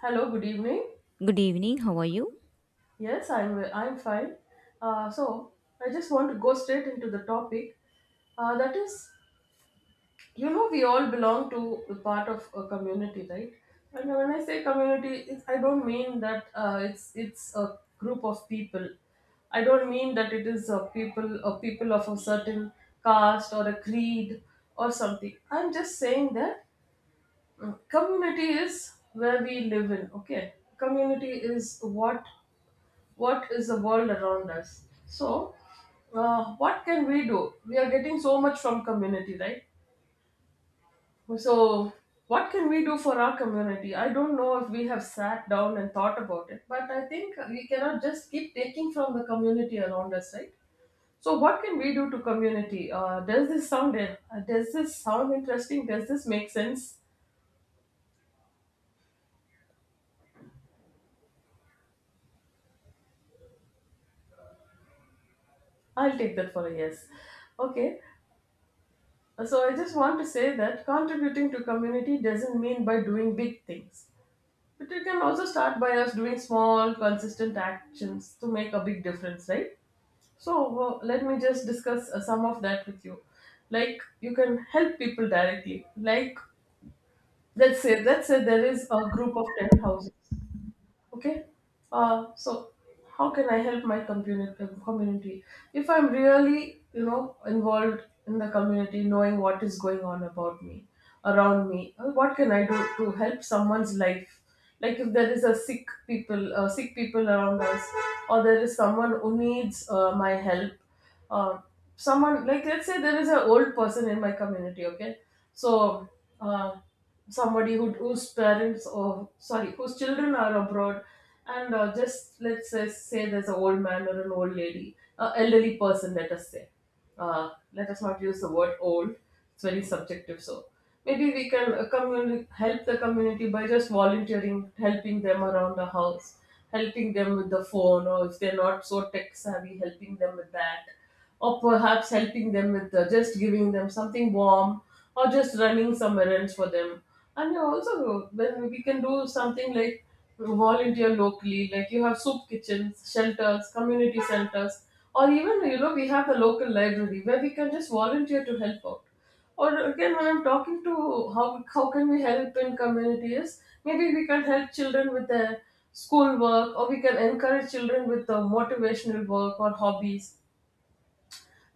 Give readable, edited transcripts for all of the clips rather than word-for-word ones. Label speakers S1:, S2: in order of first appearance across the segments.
S1: Hello, good evening.
S2: Good evening. How are you?
S1: Yes, I'm fine. So I just want to go straight into the topic. That is, you know, we all belong to a part of a community, right? And when I say community, it's, I don't mean that it's a group of people. I don't mean that it is a people of a certain caste or a creed or something. I'm just saying that community is where we live in. Okay, community is what what is the world around us. So what can we do? We are getting so much from community, right? So what can we do for our community? I don't know if we have sat down and thought about it, but I think we cannot just keep taking from the community around us, right? So what can we do to community? Does this sound interesting? Does this make sense? I'll take that for a yes. Okay. So I just want to say that contributing to community doesn't mean by doing big things. But it can also start by us doing small, consistent actions to make a big difference, right? So let me just discuss some of that with you. Like, you can help people directly. Like, let's say there is a group of 10 houses. Okay. So how can I help my community? Community, if I'm really, you know, involved in the community, knowing what is going on about me, around me, what can I do to help someone's life? Like, if there is a sick people around us, or there is someone who needs my help. Uh, Someone like, let's say there is an old person in my community. Okay, so. Uh, Somebody who, whose parents, or sorry, whose children are abroad, and just let's say, say there's an old man or an old lady, an elderly person, let us say. Let us not use the word old. It's very subjective. So maybe we can help the community by just volunteering, helping them around the house, helping them with the phone, or if they're not so tech savvy, helping them with that, or perhaps helping them with just giving them something warm, or just running some errands for them. And you also, when we can do something like volunteer locally, like you have soup kitchens, shelters, community centers, or even, you know, we have the local library where we can just volunteer to help out. Or again, when I'm talking to how can we help in communities, maybe we can help children with their schoolwork, or we can encourage children with the motivational work or hobbies.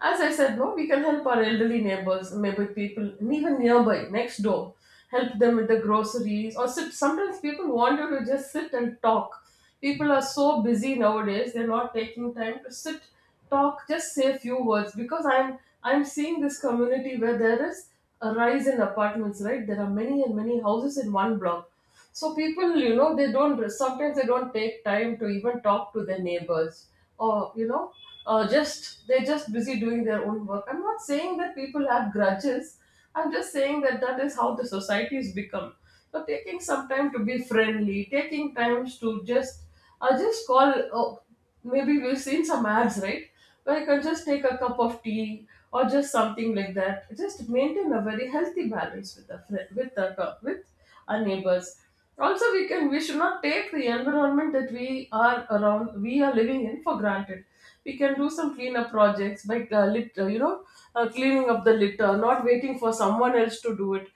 S1: As I said, no, we can help our elderly neighbors, maybe people even nearby, next door, help them with the groceries or sit. Sometimes people want you to just sit and talk. People are so busy nowadays; they're not taking time to sit, talk, just say a few words. Because I'm seeing this community where there is a rise in apartments. Right, there are many and many houses in one block. So people, you know, they don't sometimes they don't take time to even talk to their neighbors, or you know, just they're just busy doing their own work. I'm not saying that people have grudges. I'm just saying that that is how the society's become. So taking some time to be friendly, taking times to just, I just call. Oh, maybe we've seen some ads, right? Like, or just take a cup of tea or just something like that. Just maintain a very healthy balance with the friend, with the with our neighbors. Also, we can we should not take the environment that we are around, we are living in, for granted. We can do some cleanup projects by you know, cleaning up the litter, not waiting for someone else to do it,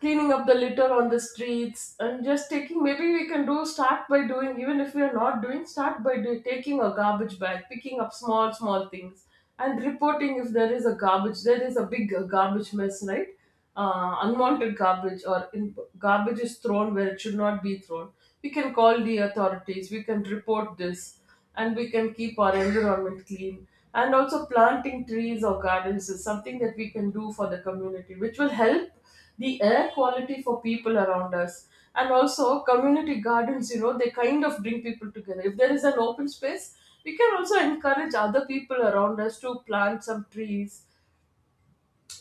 S1: cleaning up the litter on the streets, and just taking, maybe we can do, start by doing, even if we are not doing, start by taking a garbage bag, picking up small small things, and reporting if there is a garbage, there is a big garbage mess, right? Unwanted garbage, or in, garbage is thrown where it should not be thrown, we can call the authorities, we can report this, and we can keep our environment clean. And also planting trees or gardens is something that we can do for the community, which will help the air quality for people around us. And also, community gardens, you know, they kind of bring people together. If there is an open space, we can also encourage other people around us to plant some trees.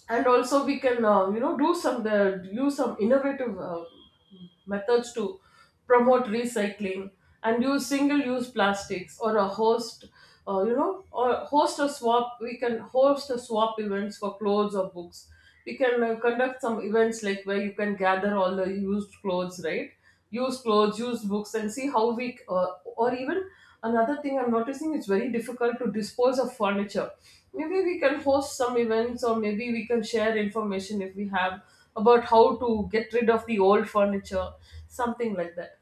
S1: And also we can you know, do some use some innovative methods to promote recycling and use single use plastics. Or a host you know, or host a swap, we can host a swap events for clothes or books. We can conduct some events like where you can gather all the used clothes, right? Use clothes, use books, and see how we, or even, another thing I'm noticing, it's very difficult to dispose of furniture. Maybe we can host some events, or maybe we can share information if we have about how to get rid of the old furniture, something like that.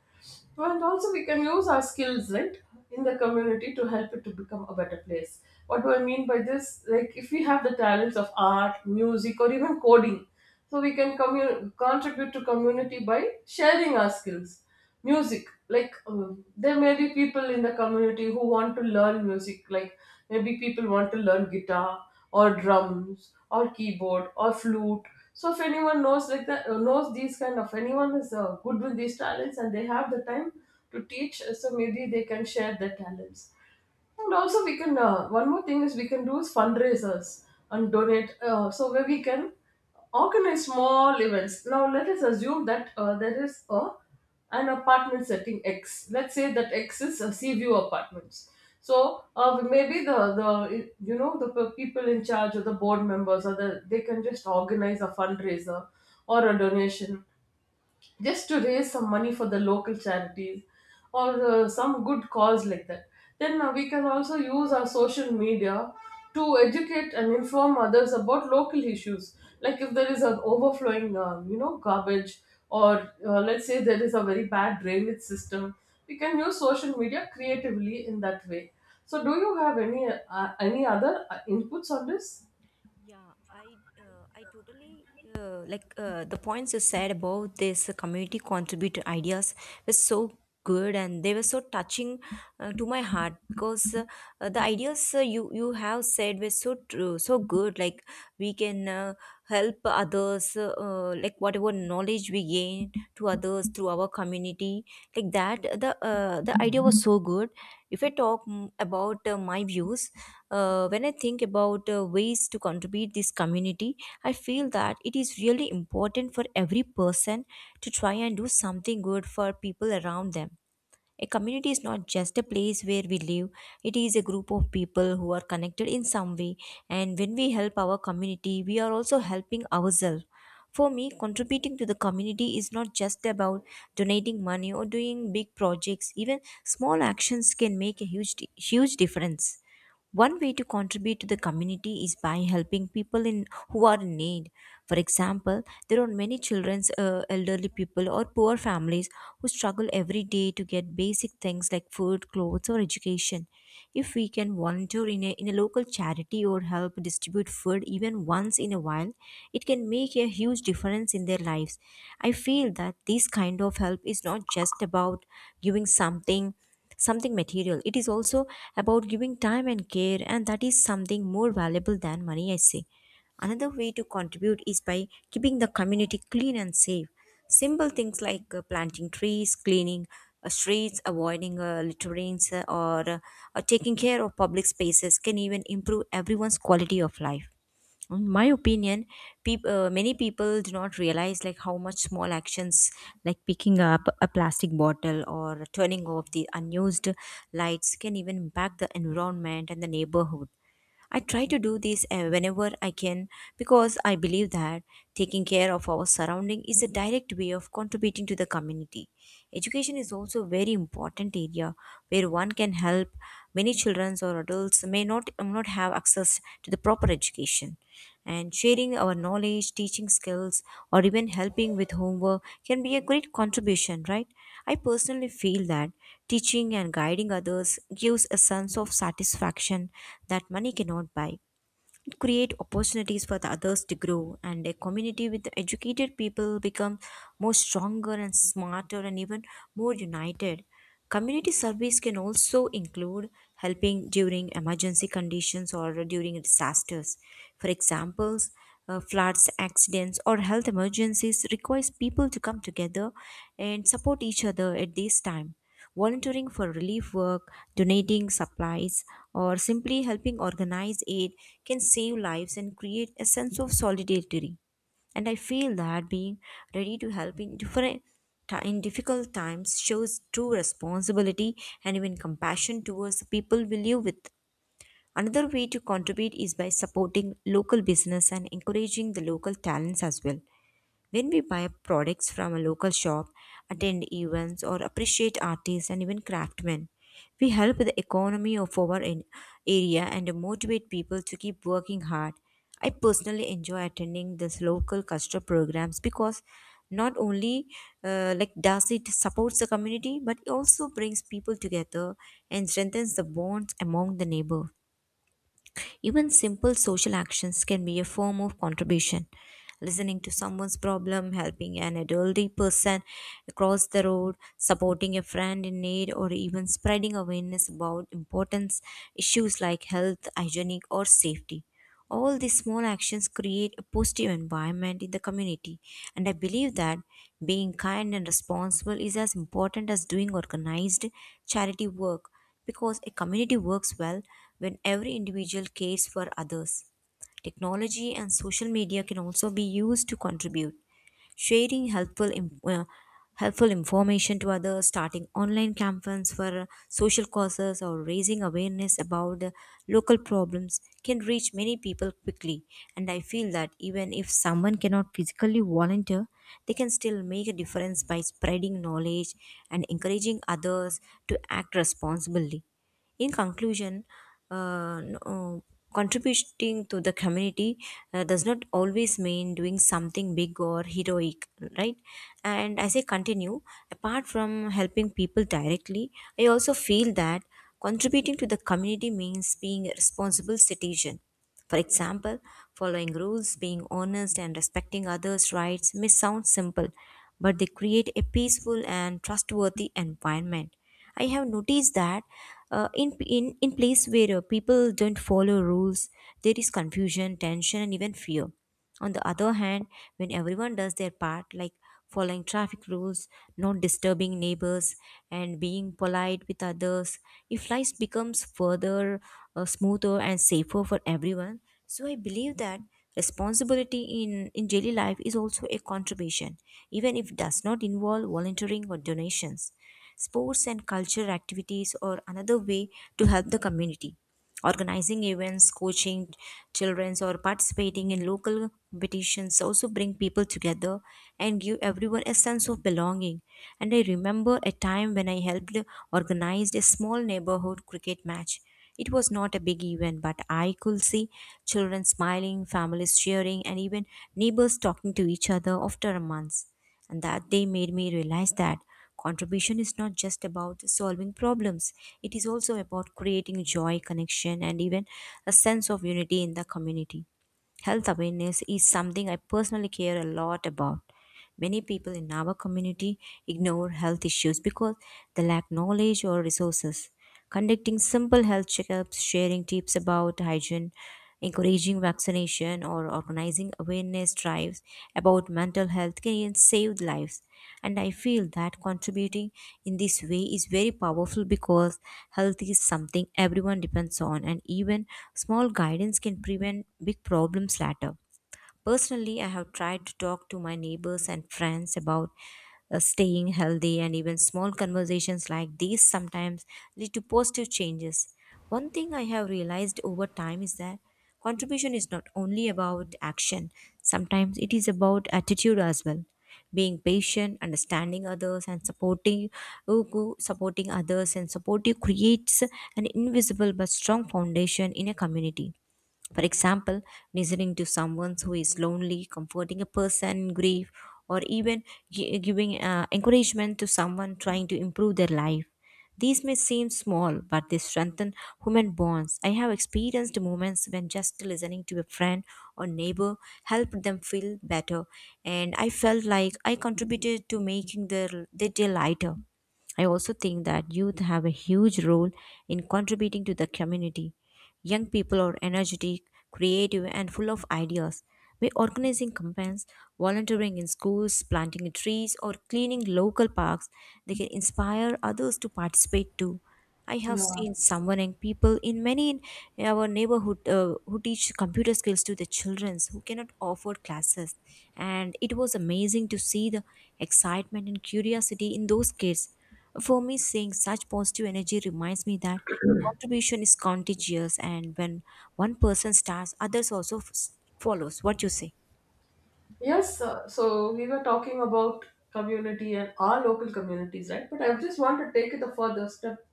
S1: So, and also, we can use our skills, right, in the community to help it to become a better place. What do I mean by this? Like, if we have the talents of art, music, or even coding, so we can contribute to community by sharing our skills. Music, like, there may be people in the community who want to learn music, like maybe people want to learn guitar or drums or keyboard or flute. So if anyone knows, like that, knows these kind of, anyone is good with these talents and they have the time to teach, so maybe they can share their talents. And also, we can, one more thing is we can do is fundraisers and donate. So where we can organize small events. Now let us assume that there is a an apartment setting X. Let's say that X is a sea view apartments. So maybe the you know, the people in charge or the board members or the, they can just organize a fundraiser or a donation just to raise some money for the local charities or some good cause like that. Then we can also use our social media to educate and inform others about local issues. Like, if there is an overflowing, you know, garbage, or let's say there is a very bad drainage system, we can use social media creatively in that way. So, do you have any other inputs on this?
S2: Yeah, I totally like the points you said about this community contributor ideas were so good, and they were so touching to my heart. Because the ideas you have said were so true, so good. Like we can help others, like whatever knowledge we gain to others through our community, like that. The idea was so good. If I talk about my views. When I think about ways to contribute this community, I feel that it is really important for every person to try and do something good for people around them. A community is not just a place where we live, it is a group of people who are connected in some way. And when we help our community, we are also helping ourselves. For me, contributing to the community is not just about donating money or doing big projects. Even small actions can make a huge difference. One way to contribute to the community is by helping people in who are in need. For example, there are many children, elderly people, or poor families who struggle every day to get basic things like food, clothes, or education. If we can volunteer in a local charity or help distribute food even once in a while, it can make a huge difference in their lives. I feel that this kind of help is not just about giving something material. It is also about giving time and care, and that is something more valuable than money, I say. Another way to contribute is by keeping the community clean and safe. Simple things like planting trees, cleaning streets, avoiding littering, or taking care of public spaces can even improve everyone's quality of life. In my opinion, many people do not realize like how much small actions like picking up a plastic bottle or turning off the unused lights can even impact the environment and the neighborhood. I try to do this whenever I can, because I believe that taking care of our surrounding is a direct way of contributing to the community. Education is also a very important area where one can help. Many children or adults may not have access to the proper education, and sharing our knowledge, teaching skills, or even helping with homework can be a great contribution, right? I personally feel that teaching and guiding others gives a sense of satisfaction that money cannot buy. It creates opportunities for the others to grow, and a community with educated people become more stronger and smarter and even more united. Community service can also include helping during emergency conditions or during disasters. For examples, floods, accidents, or health emergencies requires people to come together and support each other at this time. Volunteering for relief work, donating supplies, or simply helping organize aid can save lives and create a sense of solidarity. And I feel that being ready to help in different in difficult times shows true responsibility and even compassion towards the people we live with. Another way to contribute is by supporting local business and encouraging the local talents as well. When we buy products from a local shop, attend events, or appreciate artists and even craftsmen, we help the economy of our in- area and motivate people to keep working hard. I personally enjoy attending this local cultural programs because not only like does it supports the community, but it also brings people together and strengthens the bonds among the neighbor. Even simple social actions can be a form of contribution: listening to someone's problem, helping an elderly person across the road, supporting a friend in need, or even spreading awareness about important issues like health, hygienic, or safety. All these small actions create a positive environment in the community, and I believe that being kind and responsible is as important as doing organized charity work, because a community works well when every individual cares for others. Technology and social media can also be used to contribute, sharing helpful information to others, starting online campaigns for social causes, or raising awareness about local problems can reach many people quickly. And I feel that even if someone cannot physically volunteer, they can still make a difference by spreading knowledge and encouraging others to act responsibly. In conclusion, uh, n- uh, contributing to the community does not always mean doing something big or heroic, right? And as I continue, apart from helping people directly, I also feel that contributing to the community means being a responsible citizen. For example, following rules, being honest, and respecting others' rights may sound simple, but they create a peaceful and trustworthy environment. I have noticed that in places where people don't follow rules, there is confusion, tension, and even fear. On the other hand, when everyone does their part, like following traffic rules, not disturbing neighbors, and being polite with others, if life becomes further smoother and safer for everyone. So I believe that responsibility in daily life is also a contribution, even if it does not involve volunteering or donations. Sports and cultural activities are another way to help the community, organizing events, coaching childrens, or participating in local competitions also bring people together and give everyone a sense of belonging. And I remember a time when I helped organize a small neighborhood cricket match. It was not a big event, but I could see children smiling, families cheering, and even neighbors talking to each other after months. And that day made me realize that contribution is not just about solving problems, it is also about creating joy, connection, and even a sense of unity in the community. Health awareness is something I personally care a lot about. Many people in our community ignore health issues because they lack knowledge or resources. Conducting simple health checkups, sharing tips about hygiene, encouraging vaccination, or organizing awareness drives about mental health can save lives. And I feel that contributing in this way is very powerful because health is something everyone depends on, and even small guidance can prevent big problems later. Personally, I have tried to talk to my neighbors and friends about staying healthy, and even small conversations like these sometimes lead to positive changes. One thing I have realized over time is that contribution is not only about action, sometimes it is about attitude as well. Being patient, understanding others, and supporting others and supportive creates an invisible but strong foundation in a community. For example, listening to someone who is lonely, comforting a person in grief, or even giving encouragement to someone trying to improve their life. These may seem small, but they strengthen human bonds. I have experienced moments when just listening to a friend or neighbor helped them feel better, and I felt like I contributed to making their day lighter. I also think that youth have a huge role in contributing to the community. Young people are energetic, creative, and full of ideas. By organizing campaigns, volunteering in schools, planting trees, or cleaning local parks, they can inspire others to participate too. I have
S1: Yeah.
S2: seen someone young people in many in our neighborhood who teach computer skills to the children who cannot afford classes, and it was amazing to see the excitement and curiosity in those kids. For me, seeing such positive energy reminds me that contribution is contagious, and when one person starts, others also follows. What you say?
S1: Yes, so we were talking about community and our local communities, right? But I just want to take it a further step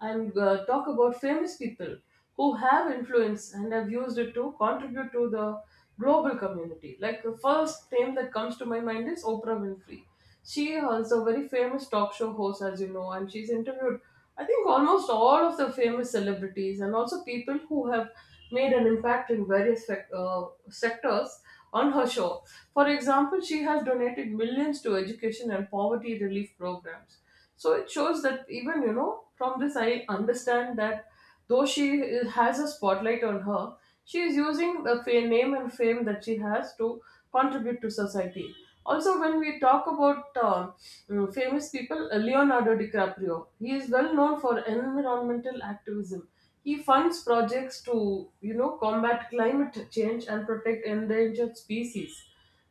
S1: and talk about famous people who have influence and have used it to contribute to the global community. Like, the first name that comes to my mind is Oprah Winfrey. She is a very famous talk show host, as you know, and she's interviewed, I think, almost all of the famous celebrities and also people who have made an impact in various sectors on her show. For example, she has donated millions to education and poverty relief programs. So it shows that, even, you know, from this I understand that though she has a spotlight on her, she is using the name and fame that she has to contribute to society. Also, when we talk about famous people, Leonardo DiCaprio, he is well known for environmental activism. He funds projects to, you know, combat climate change and protect endangered species.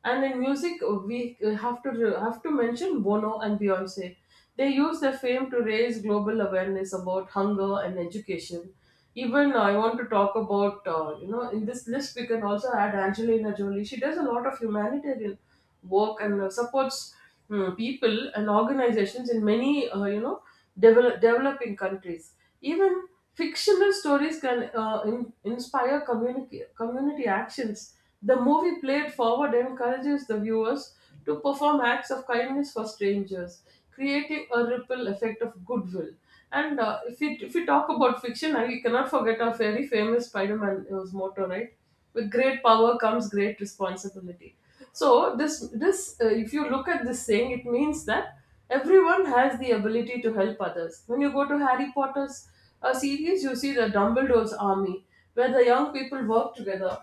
S1: And in music, we have to mention Bono and Beyonce. They use their fame to raise global awareness about hunger and education. Even I want to talk about, you know, in this list we can also add Angelina Jolie. She does a lot of humanitarian work and supports people and organizations in many developing countries. Even fictional stories can inspire community actions. The movie Played Forward encourages the viewers to perform acts of kindness for strangers, creating a ripple effect of goodwill. And if we talk about fiction, we cannot forget our very famous Spider-Man motto, right? With great power comes great responsibility. So this if you look at this saying, it means that everyone has the ability to help others. When you go to Harry Potter's series, you see the Dumbledore's Army, where the young people work together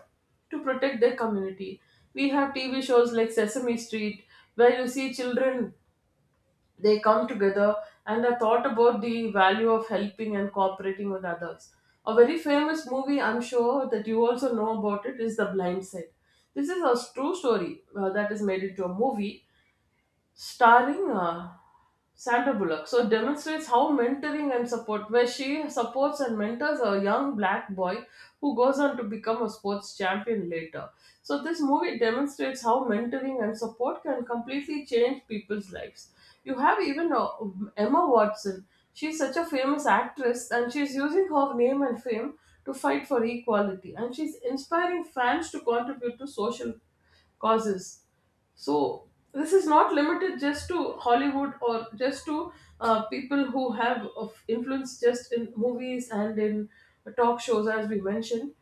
S1: to protect their community. We have TV shows like Sesame Street, where you see children, they come together, and I thought about the value of helping and cooperating with others. A very famous movie, I'm sure that you also know about it, is The Blind Side. This is a true story that is made into a movie, starring Sandra Bullock. So demonstrates how mentoring and support, where she supports and mentors a young black boy who goes on to become a sports champion later. So this movie demonstrates how mentoring and support can completely change people's lives. You have even Emma Watson. She's such a famous actress, and she's using her name and fame to fight for equality, and she's inspiring fans to contribute to social causes. So this is not limited just to Hollywood or just to people who have of influence just in movies and in talk shows, as we mentioned.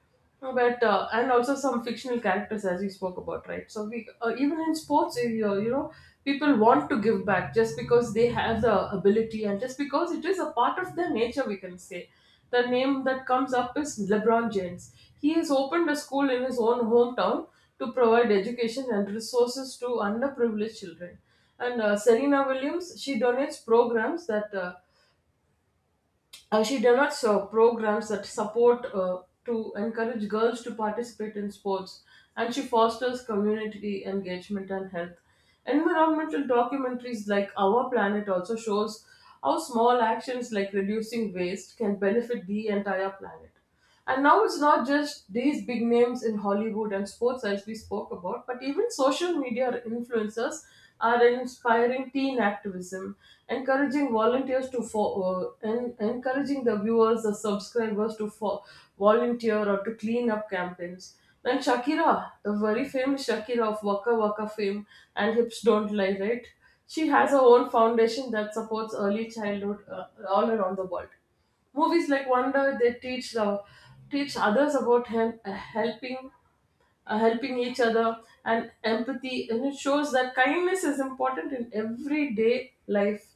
S1: But and also some fictional characters, as you spoke about, right? So we even in sports, people want to give back just because they have the ability and just because it is a part of their nature, we can say. The name that comes up is LeBron James. He has opened a school in his own hometown to provide education and resources to underprivileged children. And Serena Williams, she donates programs that support to encourage girls to participate in sports, and she fosters community engagement and health. Environmental documentaries like Our Planet also shows how small actions like reducing waste can benefit the entire planet. And now it's not just these big names in Hollywood and sports as we spoke about, but even social media influencers are inspiring teen activism, encouraging volunteers to fo- en- encouraging the viewers, the subscribers volunteer or to clean up campaigns. And Shakira, the very famous Shakira of Waka Waka fame and Hips Don't Lie, right? She has her own foundation that supports early childhood all around the world. Movies like Wonder, they teach others about him, helping each other and empathy, and it shows that kindness is important in everyday life.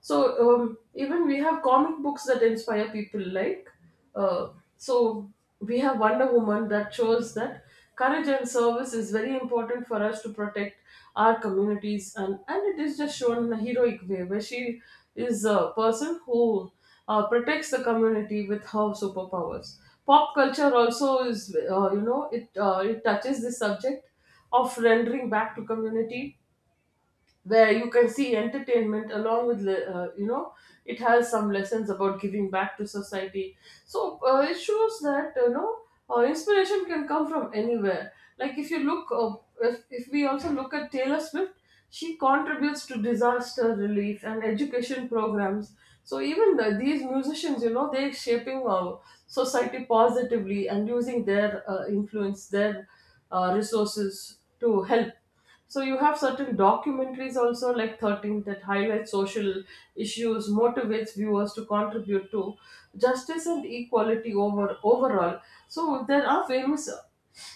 S1: So even we have comic books that inspire people, uh, so we have Wonder Woman that shows that courage and service is very important for us to protect our communities, and it is just shown in a heroic way, where she is a person who protects the community with her superpowers. Pop culture also is, it touches the subject of rendering back to community, where you can see entertainment along with it has some lessons about giving back to society. So it shows that, you know, inspiration can come from anywhere. like if you look uh, if we also look at Taylor Swift, she contributes to disaster relief and education programs. So even these musicians, you know, they're shaping society positively and using their influence, their resources to help. So you have certain documentaries also like 13 that highlight social issues, motivates viewers to contribute to justice and equality, overall. So there are famous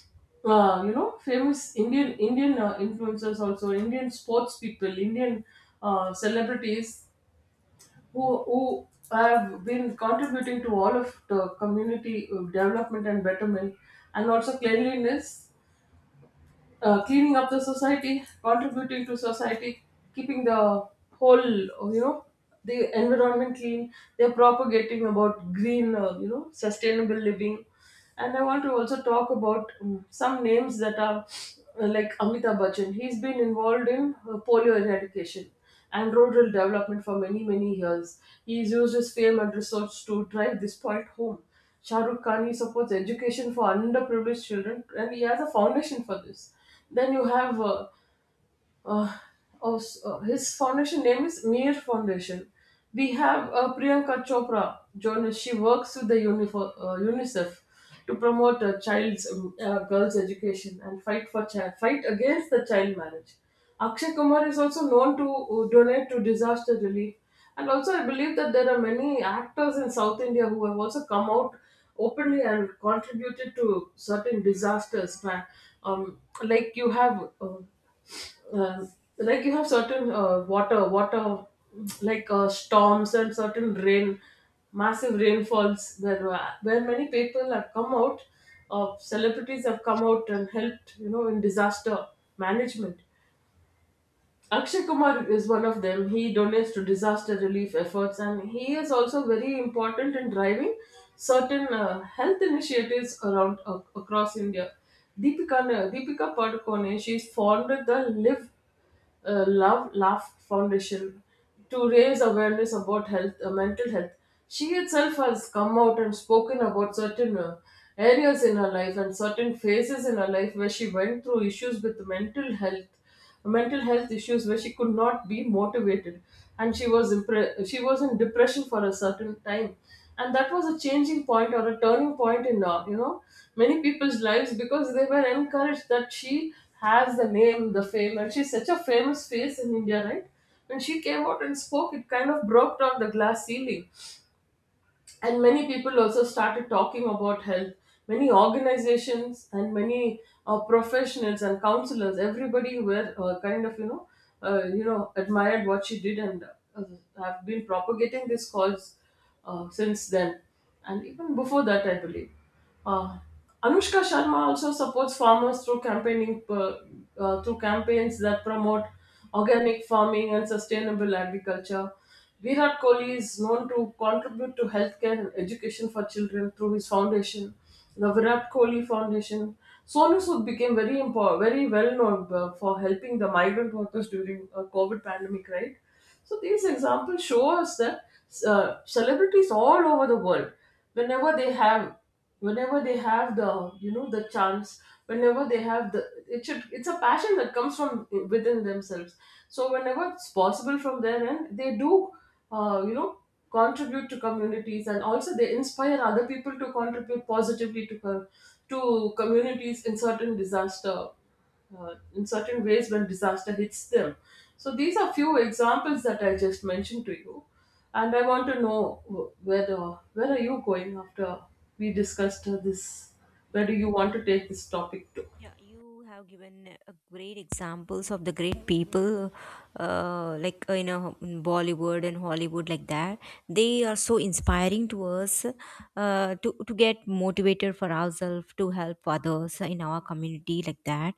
S1: you know, famous indian indian influencers, also Indian sports people, Indian celebrities, who have been contributing to all of the community development and betterment, and also cleanliness, cleaning up the society, contributing to society, keeping the whole, the environment clean. They're propagating about green, sustainable living. And I want to also talk about some names that are like Amitabh Bachchan. He's been involved in polio eradication and rural development for many, many years. He has used his fame and research to drive this point home. Shah Rukh Khan, he supports education for underprivileged children, and he has a foundation for this. Then you have uh, his foundation name is Mir Foundation. We have Priyanka Chopra, journalist. She works with the UNICEF to promote child's girls' education and fight for child fight against the child marriage. Akshay Kumar is also known to donate to disaster relief, and also I believe that there are many actors in South India who have also come out openly and contributed to certain disasters. Um, like you have. Uh, um, like you have certain water storms and certain rain, massive rainfalls where many people have come out, celebrities have come out and helped, you know, in disaster management. Akshay Kumar is one of them. He donates to disaster relief efforts, and he is also very important in driving certain health initiatives around ac across India. deepika Deepika Padukone, she's founded the live Love Laugh Foundation to raise awareness about health, mental health. She herself has come out and spoken about certain areas in her life and certain phases in her life where she went through issues with mental health issues where she could not be motivated, and she was she was in depression for a certain time, and that was a changing point or a turning point in, many people's lives, because they were encouraged that she has the name, the fame, and she's such a famous face in India, right? When she came out and spoke, it kind of broke down the glass ceiling, and many people also started talking about health. Many organizations and many professionals and counselors, everybody were admired what she did, and uh, have been propagating this cause since then, and even before that, I believe. uh, Anushka Sharma also supports farmers through campaigning through campaigns that promote organic farming and sustainable agriculture. Virat Kohli is known to contribute to healthcare and education for children through his foundation, the Virat Kohli Foundation. Sonu Sood became very important, very well known for helping the migrant workers during a COVID pandemic, right? So these examples show us that celebrities all over the world, whenever they have, whenever they have the, you know, the chance, whenever they have the, it should, it's a passion that comes from within themselves. So whenever it's possible from their end, they do you know, contribute to communities, and also they inspire other people to contribute positively to communities in certain disaster, in certain ways when disaster hits them. So these are few examples that I just mentioned to you, and I want to know where are you going after we discussed this? Where
S2: Yeah,
S1: do you want to take this topic to?
S2: Yeah, you have given great examples of the great people, like in Bollywood and Hollywood, like that. They are so inspiring to us, to get motivated for ourselves, to help others in our community, like that.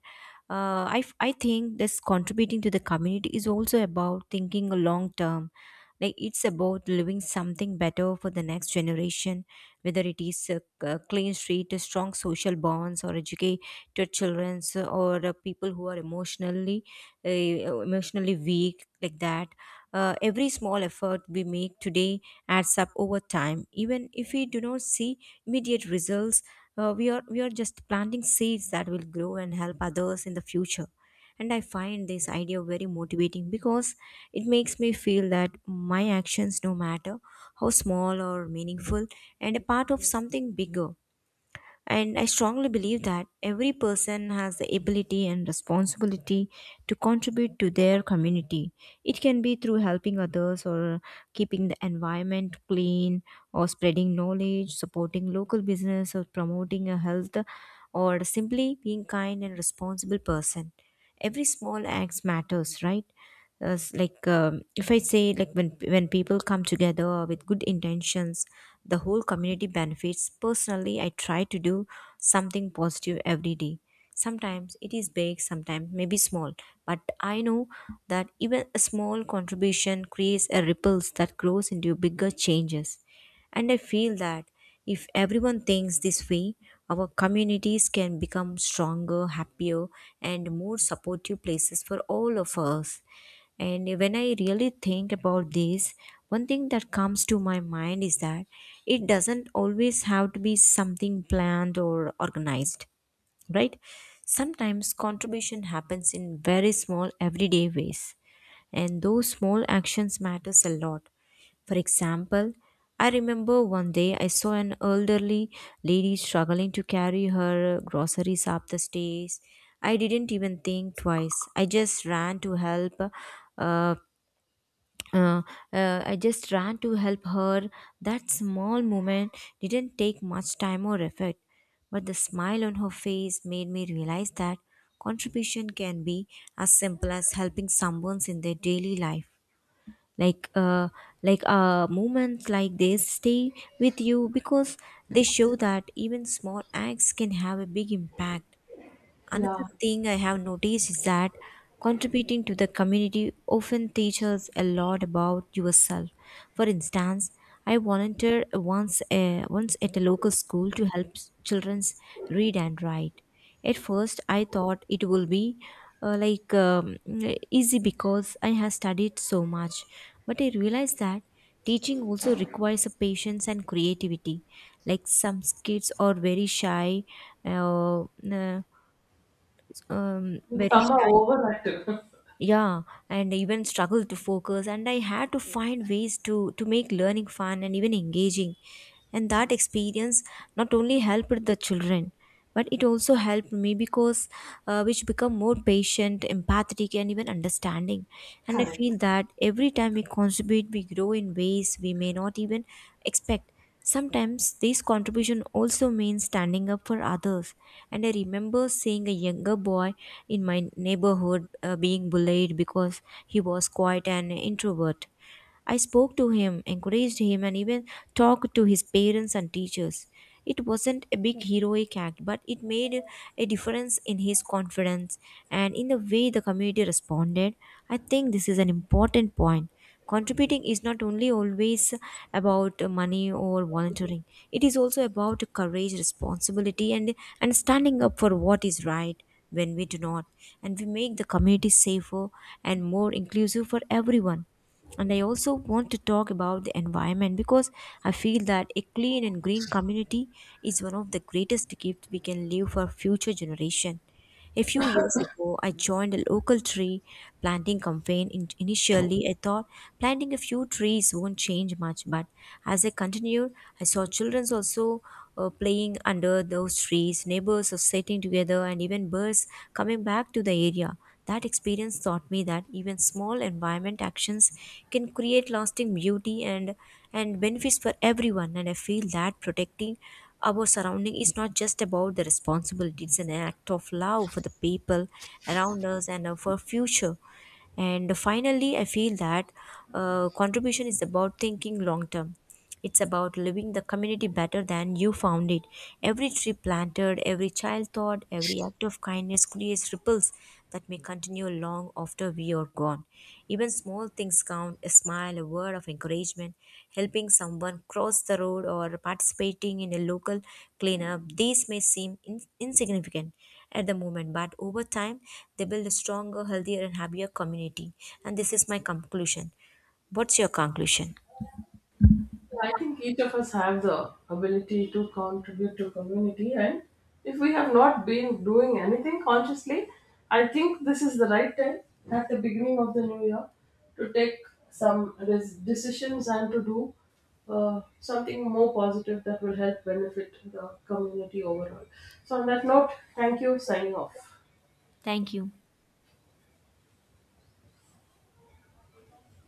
S2: I think this contributing to the community is also about thinking a long term. Like it's about living something better for the next generation, whether it is a clean street, a strong social bonds, or education to childrens or people who are emotionally weak, like that. Every small effort we make today adds up over time. Even if we do not see immediate results, we are just planting seeds that will grow and help others in the future. And I find this idea very motivating because it makes me feel that my actions, no matter how small or meaningful, and a part of something bigger. And I strongly believe that every person has the ability and responsibility to contribute to their community. It can be through helping others or keeping the environment clean or spreading knowledge, supporting local business or promoting a health or simply being kind and responsible person. Every small acts matters, right? As like if I say like when people come together with good intentions, the whole community benefits. Personally I try to do something positive every day. Sometimes it is big, sometimes maybe small, but I know that even a small contribution creates a ripples that grows into bigger changes. And I feel that if everyone thinks this way, our communities can become stronger, happier, and more supportive places for all of us. And when I really think about this, one thing that comes to my mind is that it doesn't always have to be something planned or organized, right? Sometimes contribution happens in very small everyday ways and those small actions matters a lot. For example, I remember one day I saw an elderly lady struggling to carry her groceries up the stairs. I didn't even think twice, I just ran to help uh, uh, I just ran to help her. That small moment didn't take much time or effort, but the smile on her face made me realize that contribution can be as simple as helping someone in their daily life. Like uh like uh moments like this stay with you because they show that even small acts can have a big impact. Another
S1: Yeah,
S2: thing I have noticed is that contributing to the community often teaches a lot about yourself. For instance, I volunteered once at a local school to help children read and write. At first, I thought it will be uh, like um, easy because I have studied so much, but I realized that teaching also requires a patience and creativity. Like some kids are very shy. Uh, uh, very
S1: summer
S2: shy,
S1: over at
S2: yeah, and I even struggled to focus and I had to find ways to make learning fun and even engaging. And that experience not only helped the children but it also helped me because which become more patient, empathetic and even understanding. And I
S1: correct.
S2: feel that every time we contribute we grow in ways we may not even expect. Sometimes this contribution also means standing up for others. And I remember seeing a younger boy in my neighborhood being bullied because he was quite an introvert. I spoke to him, encouraged him, and even talked to his parents and teachers. It wasn't a big heroic act, but it made a difference in his confidence and in the way the community responded. I think this is an important point. Contributing is not only always about money or volunteering, it is also about courage, responsibility, and standing up for what is right when we do not. And we make the community safer and more inclusive for everyone. And I also want to talk about the environment because I feel that a clean and green community is one of the greatest gifts we can leave for future generation. A few years ago I joined a local tree planting campaign. Initially I thought planting a few trees won't change much, but as I continued I saw children also playing under those trees, neighbors are sitting together and even birds coming back to the area. That experience taught me that even small environment actions can create lasting beauty and benefits for everyone. And I feel that protecting our surrounding is not just about the responsibility, it's an act of love for the people around us and for future. And finally, I feel that contribution is about thinking long term. It's about living the community better than you found it. Every tree planted, every child taught, every act of kindness creates ripples that may continue long after we are gone. Even small things count: a smile, a word of encouragement, helping someone cross the road, or participating in a local cleanup. These may seem insignificant at the moment, but over time, they build a stronger, healthier, and happier community. And this is my conclusion. What's your conclusion?
S1: I think each of us have the ability to contribute to community, and if we have not been doing anything consciously, I think this is the right time at the beginning of the new year to take some decisions and to do something more positive that will help benefit the community overall. So, on that note, thank you. Signing off.
S2: Thank you.